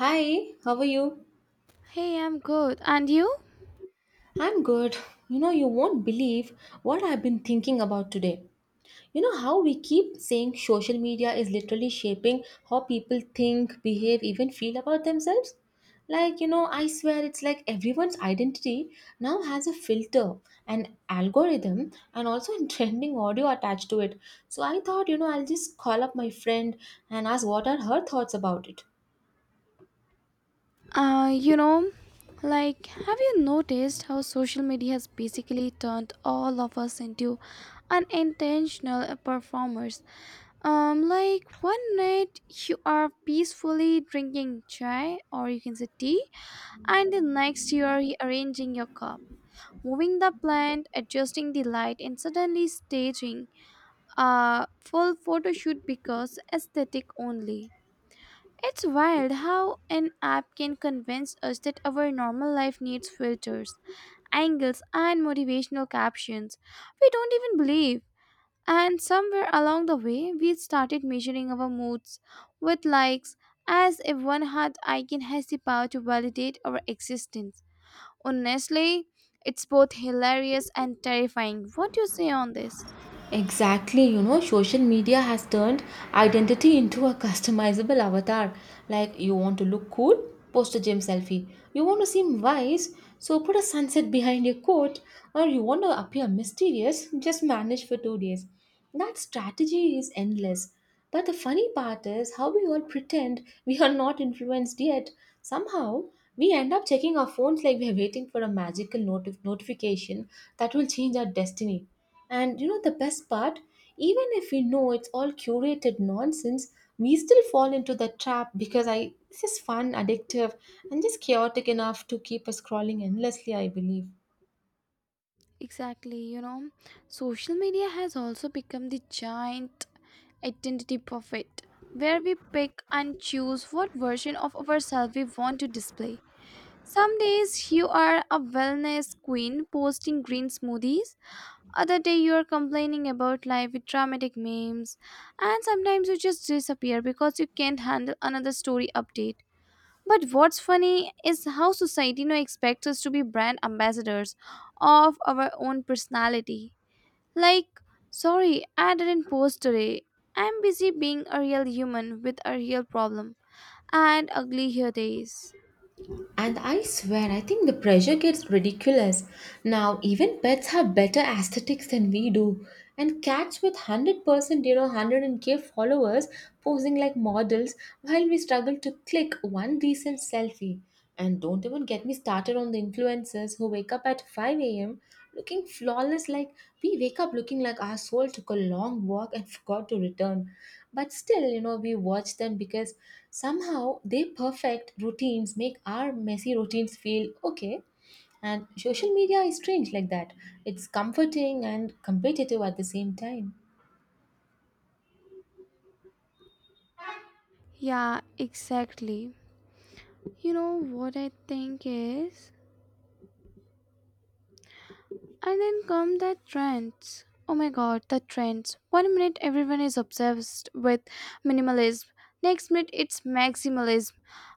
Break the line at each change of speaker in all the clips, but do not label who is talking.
Hi, how are you?
Hey, I'm good. And you?
I'm good. You know, you won't believe what I've been thinking about today. You know how we keep saying social media is literally shaping how people think, behave, even feel about themselves? Like, you know, I swear it's like everyone's identity now has a filter, an algorithm, and also a trending audio attached to it. So I thought, you know, I'll just call up my friend and ask what are her thoughts about it.
Uh, you know, like, have you noticed how social media has basically turned all of us into unintentional performers? Like, one night you are peacefully drinking chai, or you can say tea, and the next you are arranging your cup. Moving the plant, adjusting the light, and suddenly staging a full photo shoot because aesthetic only. It's wild how an app can convince us that our normal life needs filters, angles, and motivational captions. We don't even believe. And somewhere along the way, we started measuring our moods with likes as if one heart icon has the power to validate our existence. Honestly, it's both hilarious and terrifying. What do you say on this?
Exactly, you know, social media has turned identity into a customizable avatar. Like, you want to look cool? Post a gym selfie. You want to seem wise? So put a sunset behind your coat. Or you want to appear mysterious? Just manage for 2 days. That strategy is endless. But the funny part is how we all pretend we are not influenced yet. Somehow, we end up checking our phones like we are waiting for a magical notification that will change our destiny. And you know the best part? Even if we know it's all curated nonsense, we still fall into the trap because I this is fun, addictive, and just chaotic enough to keep us scrolling endlessly, I believe.
Exactly, you know, social media has also become the giant identity buffet where we pick and choose what version of ourselves we want to display. Some days you are a wellness queen posting green smoothies, other day you are complaining about life with dramatic memes, and sometimes you just disappear because you can't handle another story update. But what's funny is how society now expects us to be brand ambassadors of our own personality. Like, sorry, I didn't post today. I'm busy being a real human with a real problem and ugly hair days.
And I swear, I think the pressure gets ridiculous. Now, even pets have better aesthetics than we do. And cats with 100%, you know, 100k followers posing like models while we struggle to click one decent selfie. And don't even get me started on the influencers who wake up at 5 a.m. looking flawless, like we wake up looking like our soul took a long walk and forgot to return. But still, you know, we watch them because somehow their perfect routines make our messy routines feel okay. And social media is strange like that. It's comforting and competitive at the same time.
Yeah, exactly. You know what I think is? And then come the trends. Oh my god, the trends. 1 minute everyone is obsessed with minimalism, next minute it's maximalism,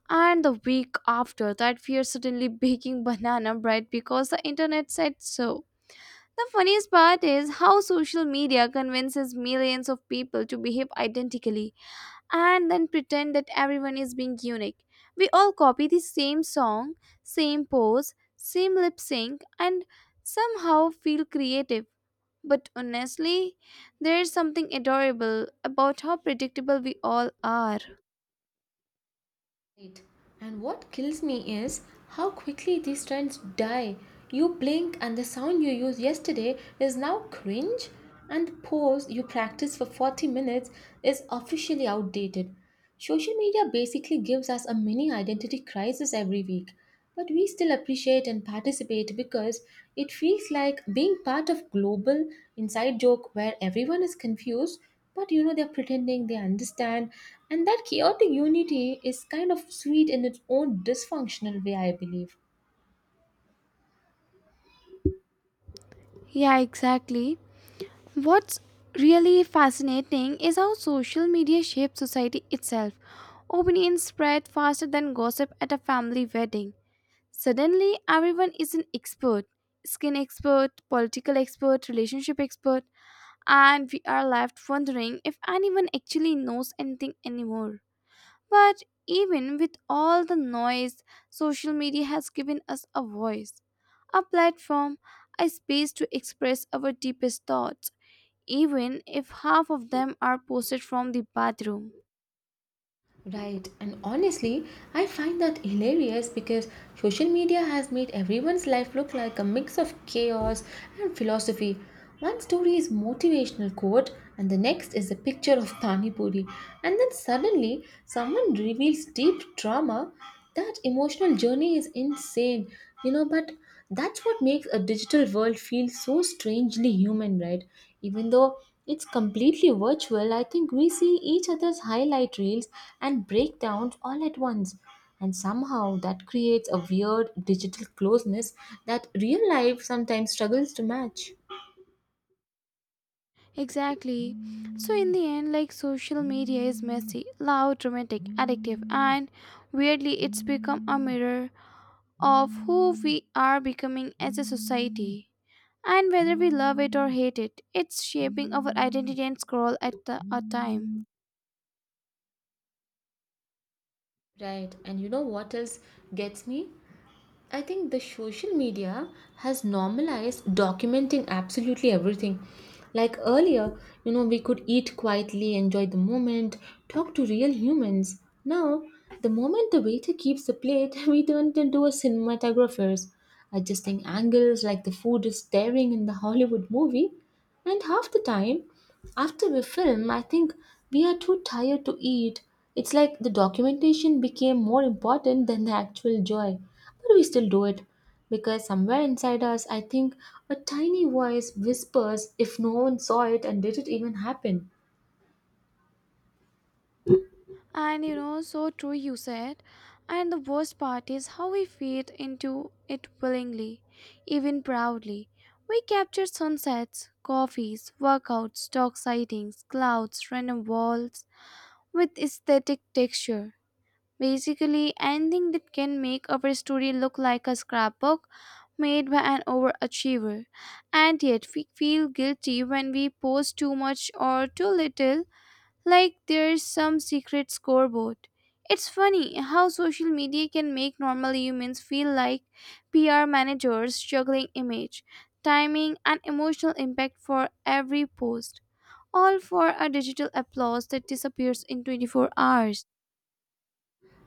and the week after that we are suddenly baking banana bread because the internet said so. The funniest part is how social media convinces millions of people to behave identically and then pretend that everyone is being unique. We all copy the same song, same pose, same lip sync, and somehow feel creative. But honestly, there's something adorable about how predictable we all are.
Right. And what kills me is how quickly these trends die. You blink and the sound you used yesterday is now cringe, and the pose you practiced for 40 minutes is officially outdated. Social media basically gives us a mini identity crisis every week, but we still appreciate and participate because it feels like being part of global inside joke where everyone is confused, but you know they're pretending they understand, and that chaotic unity is kind of sweet in its own dysfunctional way, I believe.
Yeah, exactly. What's really fascinating is how social media shapes society itself. Opinions spread faster than gossip at a family wedding. Suddenly, everyone is an expert: skin expert, political expert, relationship expert, and we are left wondering if anyone actually knows anything anymore. But even with all the noise, social media has given us a voice, a platform, a space to express our deepest thoughts, even if half of them are posted from the bathroom.
Right, and honestly, I find that hilarious because social media has made everyone's life look like a mix of chaos and philosophy. One story is motivational quote, and the next is a picture of Pani Puri, and then suddenly someone reveals deep trauma. That emotional journey is insane, you know. But that's what makes a digital world feel so strangely human, right? Even though it's completely virtual, I think we see each other's highlight reels and breakdowns all at once. And somehow that creates a weird digital closeness that real life sometimes struggles to match.
Exactly. So, in the end, like, social media is messy, loud, dramatic, addictive, and weirdly, it's become a mirror of who we are becoming as a society. And whether we love it or hate it, it's shaping our identity and scroll at a time.
Right, and you know what else gets me? I think the social media has normalized documenting absolutely everything. Like earlier, you know, we could eat quietly, enjoy the moment, talk to real humans. Now, the moment the waiter keeps the plate, we turn into a cinematographers, adjusting angles like the food is staring in the Hollywood movie. And half the time, after we film, I think we are too tired to eat. It's like the documentation became more important than the actual joy. But we still do it because somewhere inside us, I think a tiny voice whispers if no one saw it and did it even happen.
And you know, so true you said. And the worst part is how we feed into it willingly, even proudly. We capture sunsets, coffees, workouts, dog sightings, clouds, random walls with aesthetic texture. Basically, anything that can make our story look like a scrapbook made by an overachiever. And yet, we feel guilty when we post too much or too little, like there's some secret scoreboard. It's funny how social media can make normal humans feel like PR managers juggling image, timing, and emotional impact for every post, all for a digital applause that disappears in 24 hours.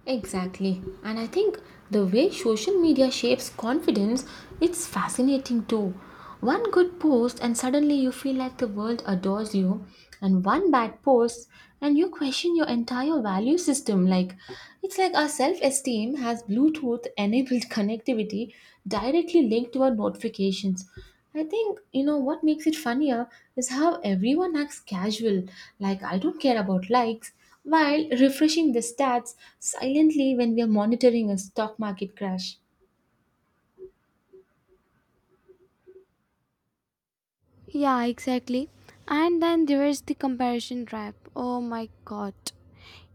Exactly. And I think the way social media shapes confidence, it's fascinating too. One good post and suddenly you feel like the world adores you, and one bad post and you question your entire value system, like it's like our self-esteem has bluetooth enabled connectivity directly linked to our notifications. I think you know what makes it funnier is how everyone acts casual, like I don't care about likes, while refreshing the stats silently when we are monitoring a stock market crash.
Yeah, exactly. And then there is the comparison trap. Oh my god.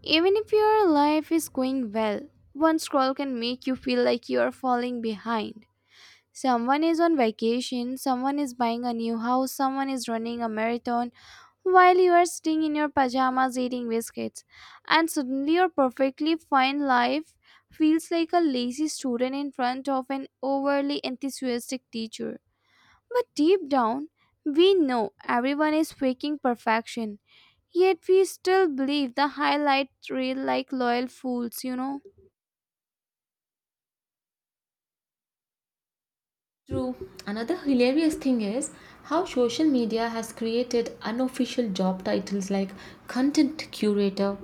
Even if your life is going well, one scroll can make you feel like you are falling behind. Someone is on vacation, someone is buying a new house, someone is running a marathon, while you are sitting in your pajamas eating biscuits. And suddenly, your perfectly fine life feels like a lazy student in front of an overly enthusiastic teacher. But deep down, we know everyone is faking perfection. Yet we still believe the highlight reel like loyal fools, you know.
True. Another hilarious thing is how social media has created unofficial job titles like content curator,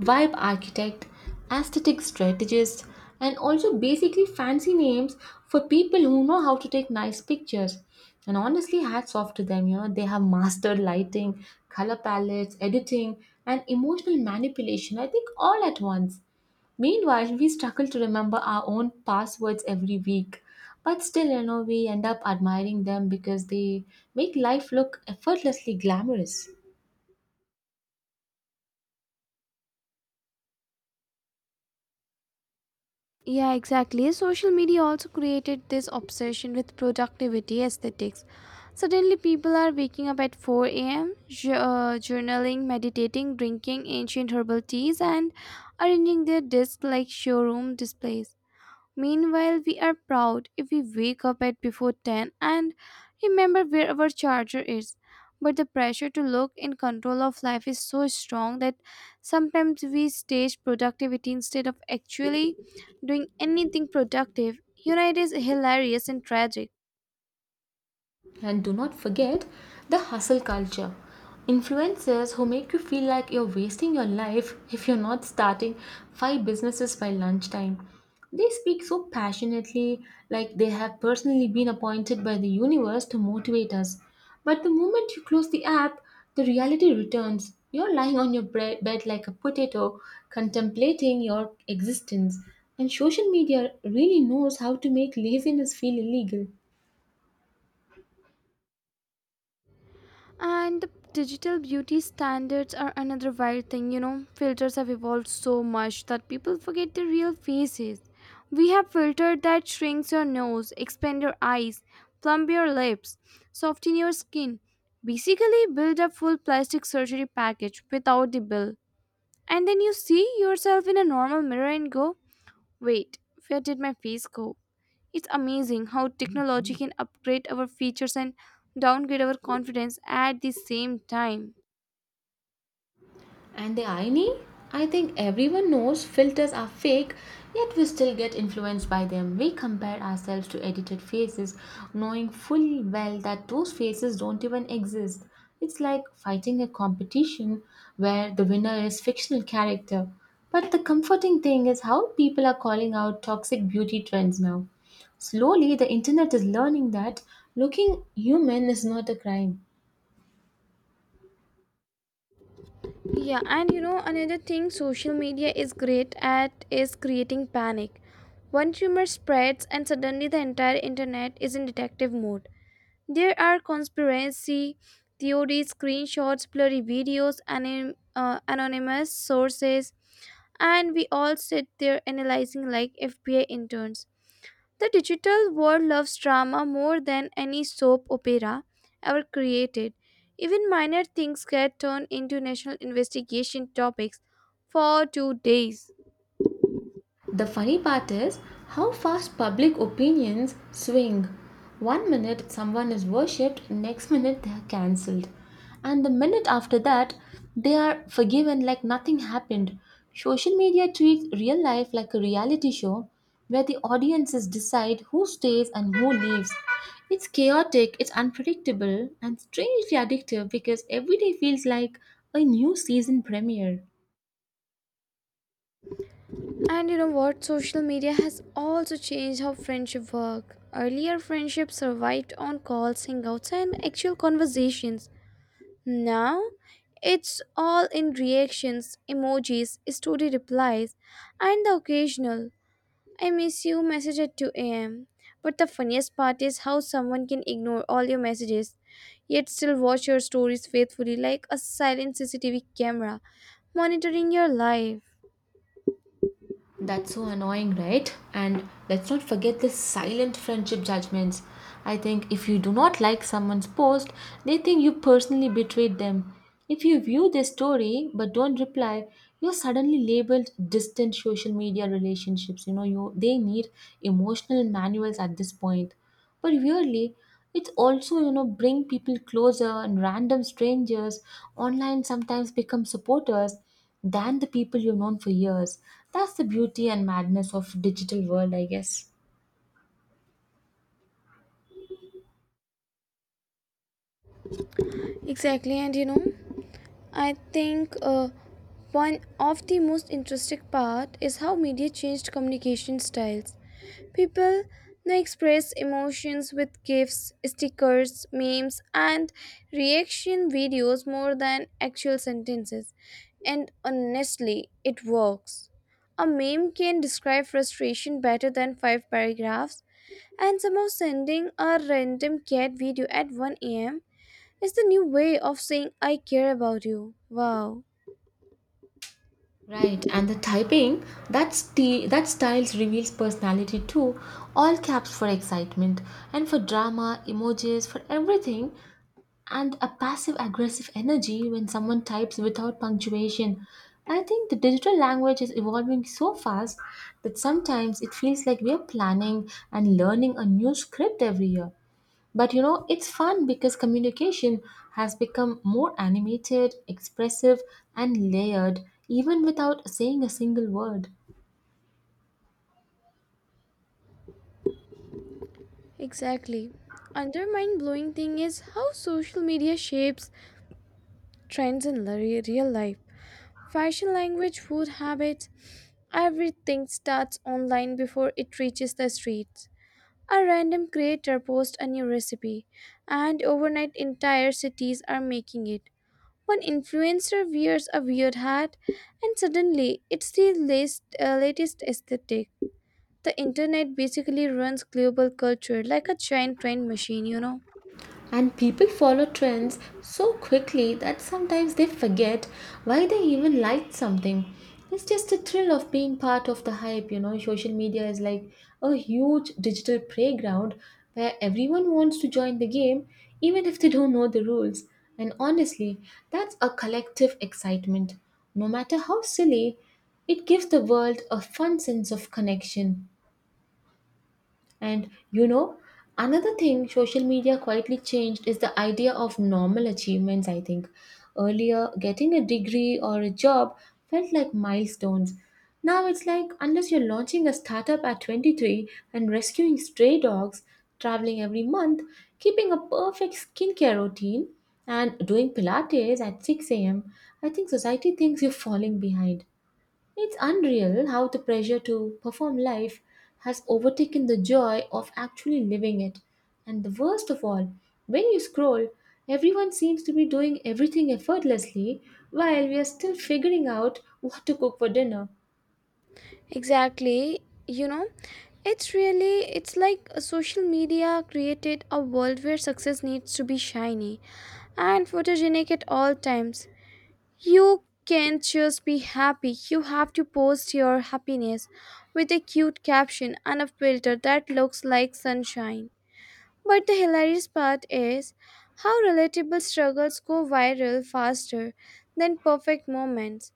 vibe architect, aesthetic strategist, and also basically fancy names for people who know how to take nice pictures. And honestly, hats off to them, you know, they have mastered lighting, color palettes, editing, and emotional manipulation, I think, all at once. Meanwhile, we struggle to remember our own passwords every week. But still, you know, we end up admiring them because they make life look effortlessly glamorous.
Yeah, exactly. Social media also created this obsession with productivity aesthetics. Suddenly, people are waking up at 4 a.m., journaling, meditating, drinking ancient herbal teas, and arranging their desk like showroom displays. Meanwhile, we are proud if we wake up at before 10 and remember where our charger is. But the pressure to look in control of life is so strong that sometimes we stage productivity instead of actually doing anything productive. You know, it is hilarious and tragic.
And do not forget the hustle culture. Influencers who make you feel like you're wasting your life if you're not starting five businesses by lunchtime. They speak so passionately, like they have personally been appointed by the universe to motivate us. But the moment you close the app, the reality returns. You're lying on your bed like a potato, contemplating your existence. And social media really knows how to make laziness feel illegal.
And the digital beauty standards are another wild thing, you know. Filters have evolved so much that people forget their real faces. We have filter that shrinks your nose, expand your eyes, plump your lips, soften your skin. Basically, build a full plastic surgery package without the bill. And then you see yourself in a normal mirror and go, "Wait, where did my face go?" It's amazing how technology can upgrade our features and downgrade our confidence at the same time.
And the irony? I think everyone knows filters are fake, yet we still get influenced by them. We compare ourselves to edited faces, knowing full well that those faces don't even exist. It's like fighting a competition where the winner is fictional character. But the comforting thing is how people are calling out toxic beauty trends now. Slowly, the internet is learning that looking human is not a crime.
Yeah, and you know, another thing social media is great at is creating panic. One rumor spreads, and suddenly the entire internet is in detective mode. There are conspiracy theories, screenshots, blurry videos, anonymous sources, and we all sit there analyzing like FBI interns. The digital world loves drama more than any soap opera ever created. Even minor things get turned into national investigation topics for 2 days.
The funny part is how fast public opinions swing. 1 minute someone is worshipped, next minute they are cancelled. And the minute after that, they are forgiven like nothing happened. Social media treats real life like a reality show where the audiences decide who stays and who leaves. It's chaotic, it's unpredictable, and strangely addictive because every day feels like a new season premiere.
And you know what? Social media has also changed how friendship work. Earlier, friendships survived on calls, hangouts, and actual conversations. Now, it's all in reactions, emojis, story replies, and the occasional I miss you message at 2 a.m. But the funniest part is how someone can ignore all your messages yet still watch your stories faithfully like a silent CCTV camera monitoring your life.
That's so annoying, right? And let's not forget the silent friendship judgments. I think if you do not like someone's post, they think you personally betrayed them. If you view their story but don't reply, you're suddenly labeled distant social media relationships. You know, you they need emotional manuals at this point, but really it's also, you know, bring people closer, and random strangers online sometimes become supporters than the people you've known for years. That's the beauty and madness of digital world, I guess.
Exactly, and you know, I think one of the most interesting part is how media changed communication styles. People now express emotions with gifs, stickers, memes, and reaction videos more than actual sentences. And honestly, it works. A meme can describe frustration better than five paragraphs, and somehow sending a random cat video at 1 a.m. is the new way of saying I care about you. Wow.
Right, and the typing that that styles reveals personality too. All caps for excitement and for drama, emojis for everything, and a passive aggressive energy when someone types without punctuation. I think the digital language is evolving so fast that sometimes it feels like we are planning and learning a new script every year. But you know, it's fun because communication has become more animated, expressive, and layered even without saying a single word.
Exactly. Another mind blowing thing is how social media shapes trends in real life. Fashion language, food habits, everything starts online before it reaches the streets. A random creator posts a new recipe, and overnight entire cities are making it. One influencer wears a weird hat, and suddenly it's the latest aesthetic. The internet basically runs global culture like a giant train machine, you know.
And people follow trends so quickly that sometimes they forget why they even liked something. It's just the thrill of being part of the hype, you know. Social media is like a huge digital playground where everyone wants to join the game, even if they don't know the rules. And honestly, that's a collective excitement. No matter how silly, it gives the world a fun sense of connection. And you know, another thing social media quietly changed is the idea of normal achievements, I think. Earlier, getting a degree or a job felt like milestones. Now it's like unless you're launching a startup at 23 and rescuing stray dogs, traveling every month, keeping a perfect skincare routine, and doing Pilates at 6 a.m., I think society thinks you're falling behind. It's unreal how the pressure to perform life has overtaken the joy of actually living it. And the worst of all, when you scroll, everyone seems to be doing everything effortlessly while we are still figuring out what to cook for dinner.
Exactly. You know, it's really it's like a social media created a world where success needs to be shiny and photogenic at all times. You can't just be happy. You have to post your happiness with a cute caption and a filter that looks like sunshine. But the hilarious part is how relatable struggles go viral faster than perfect moments.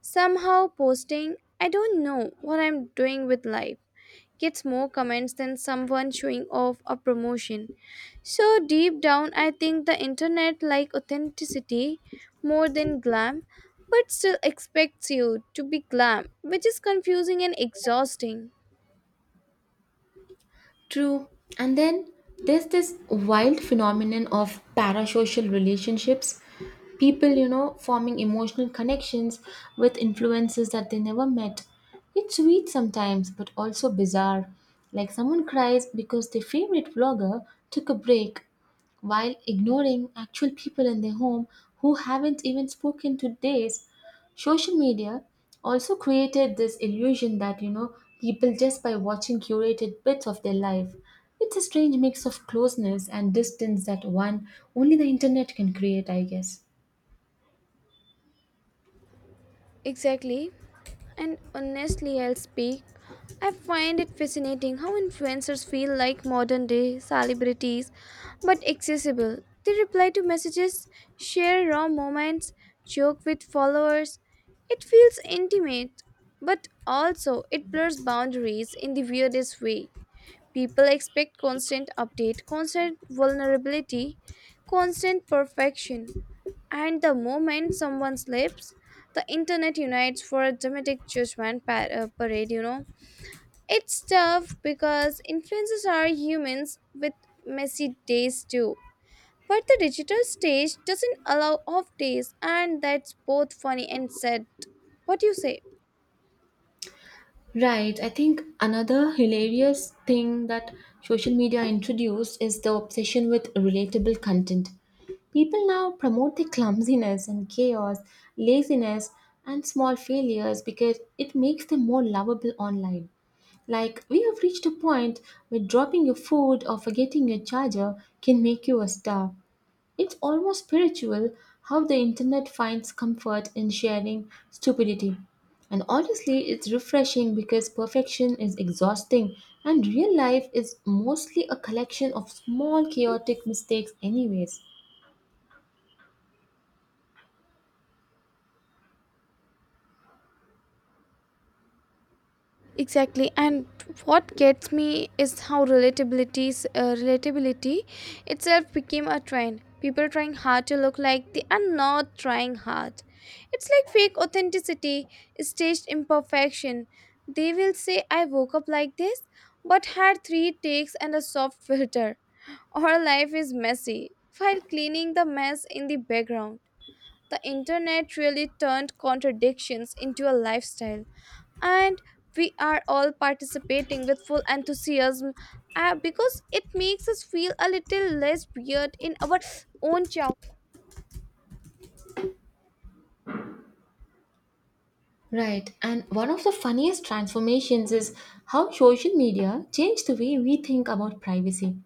Somehow, posting, "I don't know what I'm doing with life," gets more comments than someone showing off a promotion. So, deep down, I think the internet like authenticity more than glam, but still expects you to be glam, which is confusing and exhausting.
True. And then there's this wild phenomenon of parasocial relationships, people you know forming emotional connections with influences that they never met. It's sweet sometimes but also bizarre, like someone cries because their favorite vlogger took a break while ignoring actual people in their home who haven't even spoken to days. Social media also created this illusion that, you know, people just by watching curated bits of their life, it's a strange mix of closeness and distance that one only the internet can create, I guess.
Exactly. And honestly, I'll speak. I find it fascinating how influencers feel like modern day celebrities but accessible. They reply to messages, share raw moments, joke with followers. It feels intimate, but also it blurs boundaries in the weirdest way. People expect constant update, constant vulnerability, constant perfection. And the moment someone slips, the internet unites for a dramatic judgment parade, you know. It's tough because influencers are humans with messy days too. But the digital stage doesn't allow off days, and that's both funny and sad. What do you say?
Right. I think another hilarious thing that social media introduced is the obsession with relatable content. People now promote the clumsiness and chaos, laziness, and small failures because it makes them more lovable online. Like, we have reached a point where dropping your food or forgetting your charger can make you a star. It's almost spiritual how the internet finds comfort in sharing stupidity. And honestly, it's refreshing because perfection is exhausting, and real life is mostly a collection of small chaotic mistakes, anyways.
Exactly, and what gets me is how relatabilities relatability itself became a trend. People trying hard to look like they are not trying hard. It's like fake authenticity, staged imperfection. They will say, "I woke up like this, but had three takes and a soft filter." Our life is messy, while cleaning the mess in the background. The internet really turned contradictions into a lifestyle and we are all participating with full enthusiasm because it makes us feel a little less weird in our own child.
Right, and one of the funniest transformations is how social media changed the way we think about privacy.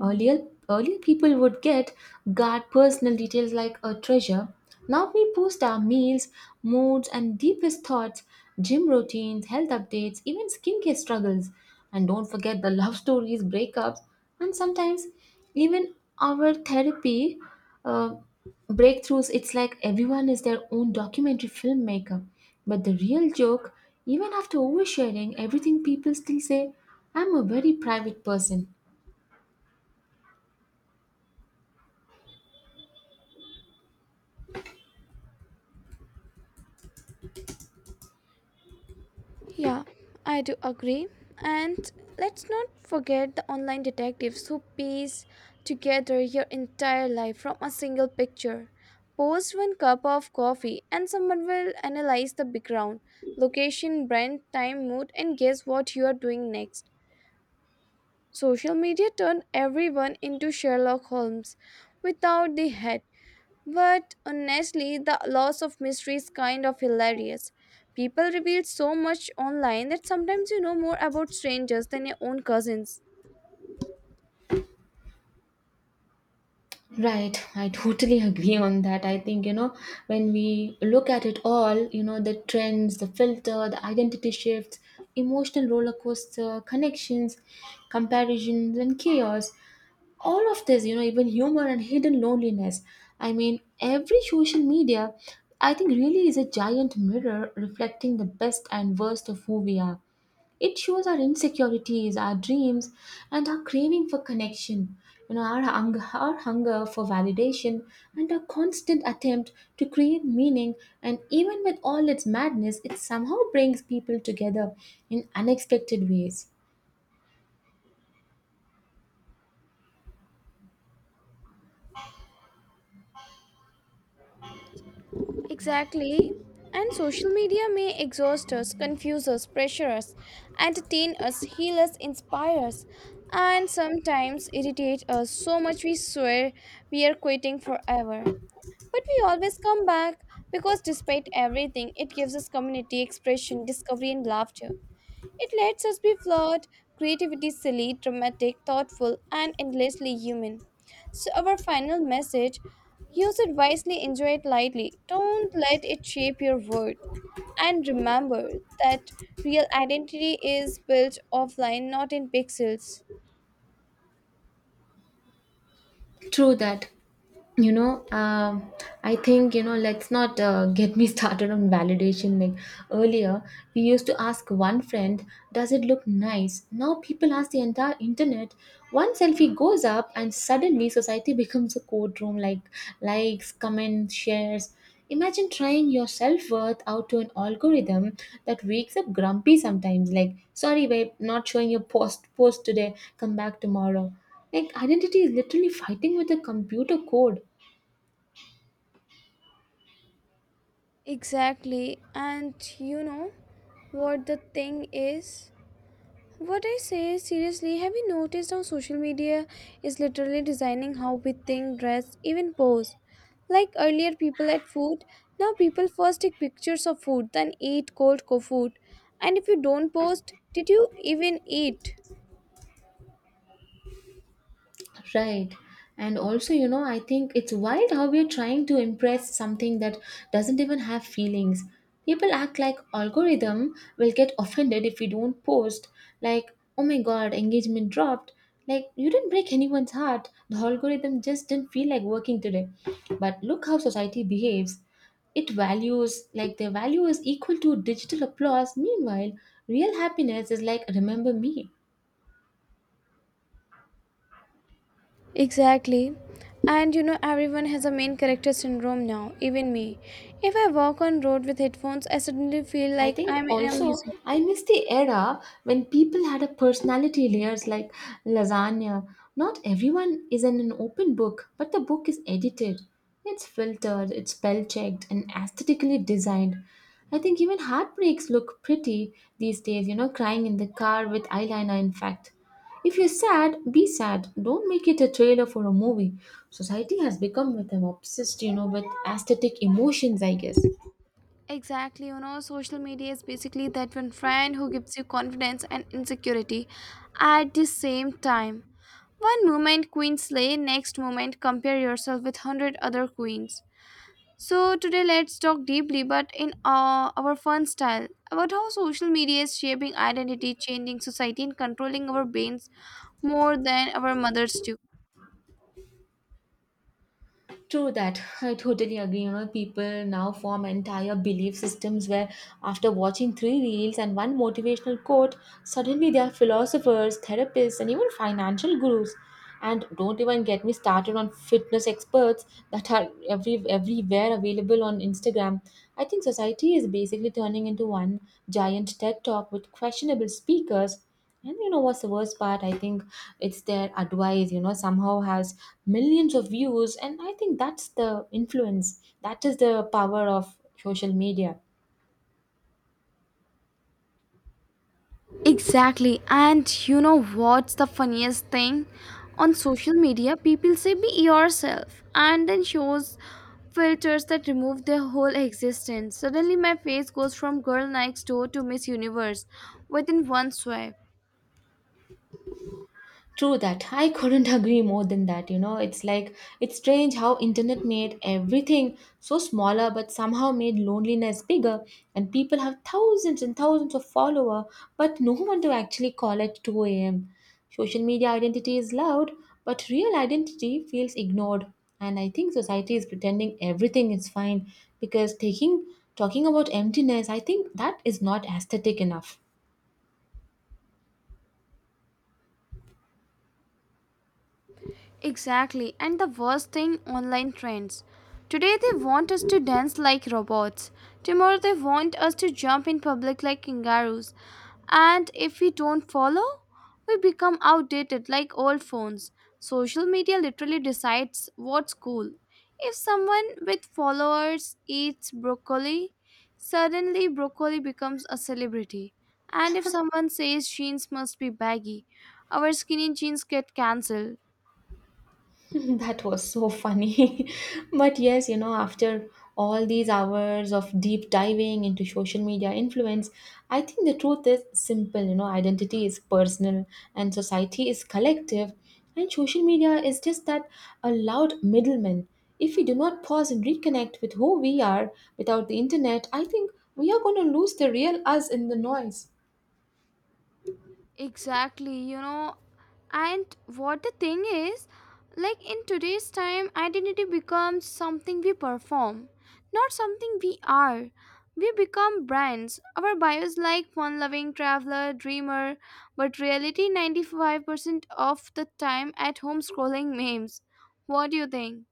Earlier, earlier, people would get guard personal details like a treasure. Now we post our meals, moods, and deepest thoughts, gym routines, health updates, even skincare struggles. And don't forget the love stories, breakups, and sometimes even our therapy uh, breakthroughs. It's like everyone is their own documentary filmmaker. But the real joke, even after oversharing everything, people still say, I'm a very private person.
Yeah, I do agree. And let's not forget the online detectives who piece together your entire life from a single picture. Post one cup of coffee, and someone will analyze the background, location, brand, time, mood, and guess what you are doing next. Social media turned everyone into Sherlock Holmes without the head. But honestly, the loss of mystery is kind of hilarious. People reveal so much online that sometimes you know more about strangers than your own cousins.
Right, I totally agree on that. I think, you know, when we look at it all, you know, the trends, the filter, the identity shifts, emotional roller coaster, connections, comparisons, and chaos, all of this, you know, even humor and hidden loneliness. I mean, every social media, I think, really is a giant mirror reflecting the best and worst of who we are. It shows our insecurities, our dreams, and our craving for connection. You know, our hunger for validation, and our constant attempt to create meaning. And even with all its madness, it somehow brings people together in unexpected ways.
Exactly. And social media may exhaust us, confuse us, pressure us, entertain us, heal us, inspire us, and sometimes irritate us so much we swear we are quitting forever. But we always come back because despite everything, it gives us community, expression, discovery, and laughter. It lets us be flawed, creativity silly, dramatic, thoughtful, and endlessly human. So, our final message: use it wisely, enjoy it lightly. Don't let it shape your worth. And remember that real identity is built offline, not in pixels.
True that. You know, I think, you know, let's not get me started on validation. Like, earlier we used to ask one friend, does it look nice? Now people ask the entire internet. One selfie goes up and suddenly society becomes a courtroom, like likes, comments, shares. Imagine trying your self-worth out to an algorithm that wakes up grumpy sometimes, like, sorry babe, not showing your post today, come back tomorrow. Like, identity is literally fighting with a computer code.
Exactly. And you know what the thing is? What I say, seriously, have you noticed how social media is literally designing how we think, dress, even pose? Like earlier, people ate food. Now, people first take pictures of food, then eat food. And if you don't post, did you even eat?
Right. And also, you know, I think it's wild how we're trying to impress something that doesn't even have feelings. People act like algorithm will get offended if we don't post. Like, oh my god, engagement dropped. Like, you didn't break anyone's heart. The algorithm just didn't feel like working today. But look how society behaves. It values, like, their value is equal to digital applause. Meanwhile, real happiness is like, remember me.
Exactly. And you know, everyone has a main character syndrome now, even me. If I walk on road with headphones, I suddenly feel
I
like
think
I'm in a
also
museum.
I miss the era when people had a personality layers like lasagna. Not everyone is in an open book, but the book is edited. It's filtered, it's spell checked, and aesthetically designed. I think even heartbreaks look pretty these days, you know, crying in the car with eyeliner, in fact. If you're sad, be sad. Don't make it a trailer for a movie. Society has become with them obsessed, you know, with aesthetic emotions, I guess.
Exactly, you know, social media is basically that one friend who gives you confidence and insecurity at the same time. One moment queen slay, next moment compare yourself with 100 other queens. So, today let's talk deeply but in our fun style about how social media is shaping identity, changing society, and controlling our brains more than our mothers do.
True that. I totally agree. You know, people now form entire belief systems where, after watching three reels and one motivational quote, suddenly they are philosophers, therapists, and even financial gurus. And don't even get me started on fitness experts that are everywhere available on Instagram. I think society is basically turning into one giant TED talk with questionable speakers. And you know what's the worst part? I think it's their advice, you know, somehow has millions of views. And I think that's the influence. That is the power of social media.
Exactly. And you know what's the funniest thing? On social media, people say be yourself and then shows filters that remove their whole existence. Suddenly, my face goes from girl next door to Miss Universe within one swipe.
True that. I couldn't agree more than that. You know, it's like it's strange how internet made everything so smaller but somehow made loneliness bigger, and people have thousands and thousands of follower but no one to actually call at 2 a.m. Social media identity is loud but real identity feels ignored, and I think society is pretending everything is fine because taking talking about emptiness, I think that is not aesthetic enough.
Exactly. And the worst thing online trends. Today they want us to dance like robots. Tomorrow they want us to jump in public like kangaroos. And if we don't follow, we become outdated like old phones. Social media literally decides what's cool. If someone with followers eats broccoli, suddenly broccoli becomes a celebrity. And if someone says jeans must be baggy, our skinny jeans get cancelled.
That was so funny. But yes, you know, after all these hours of deep diving into social media influence, I think the truth is simple. You know, identity is personal and society is collective, and social media is just that, a loud middleman. If we do not pause and reconnect with who we are without the internet, I think we are going to lose the real us in the noise.
Exactly, you know. And what the thing is, like, in today's time, identity becomes something we perform, not something we are. We become brands. Our bios like fun loving traveler, dreamer, but reality 95% of the time at home scrolling memes. What do you think?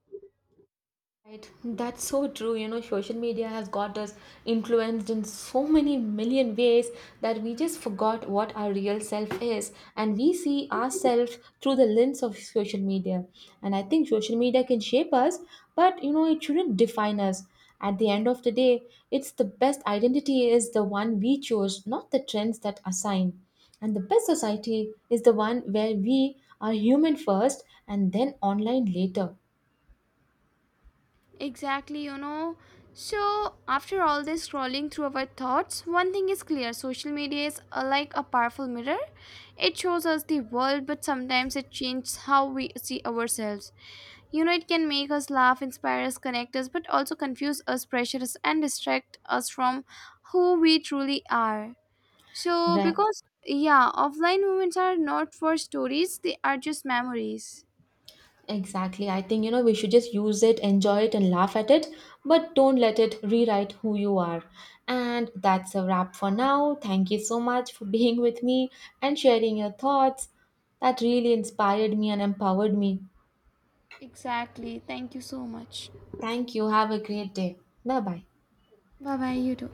Right, that's so true. You know, social media has got us influenced in so many million ways that we just forgot what our real self is, and we see ourselves through the lens of social media. And I think social media can shape us, but you know, it shouldn't define us. At the end of the day, it's the best identity is the one we choose, not the trends that assign. And the best society is the one where we are human first and then online later.
Exactly, you know. So, after all this scrolling through our thoughts, one thing is clear: social media is like a powerful mirror. It shows us the world, but sometimes it changes how we see ourselves. You know, it can make us laugh, inspire us, connect us, but also confuse us, pressure us, and distract us from who we truly are. So,
Right.
because, yeah, offline moments are not for stories, they are just memories.
Exactly. I think, you know, we should just use it, enjoy it, and laugh at it, but don't let it rewrite who you are. And that's a wrap for now. Thank you so much for being with me and sharing your thoughts. That really inspired me and empowered me.
Exactly. Thank you so much.
Thank you. Have a great day. Bye bye.
Bye bye, you too.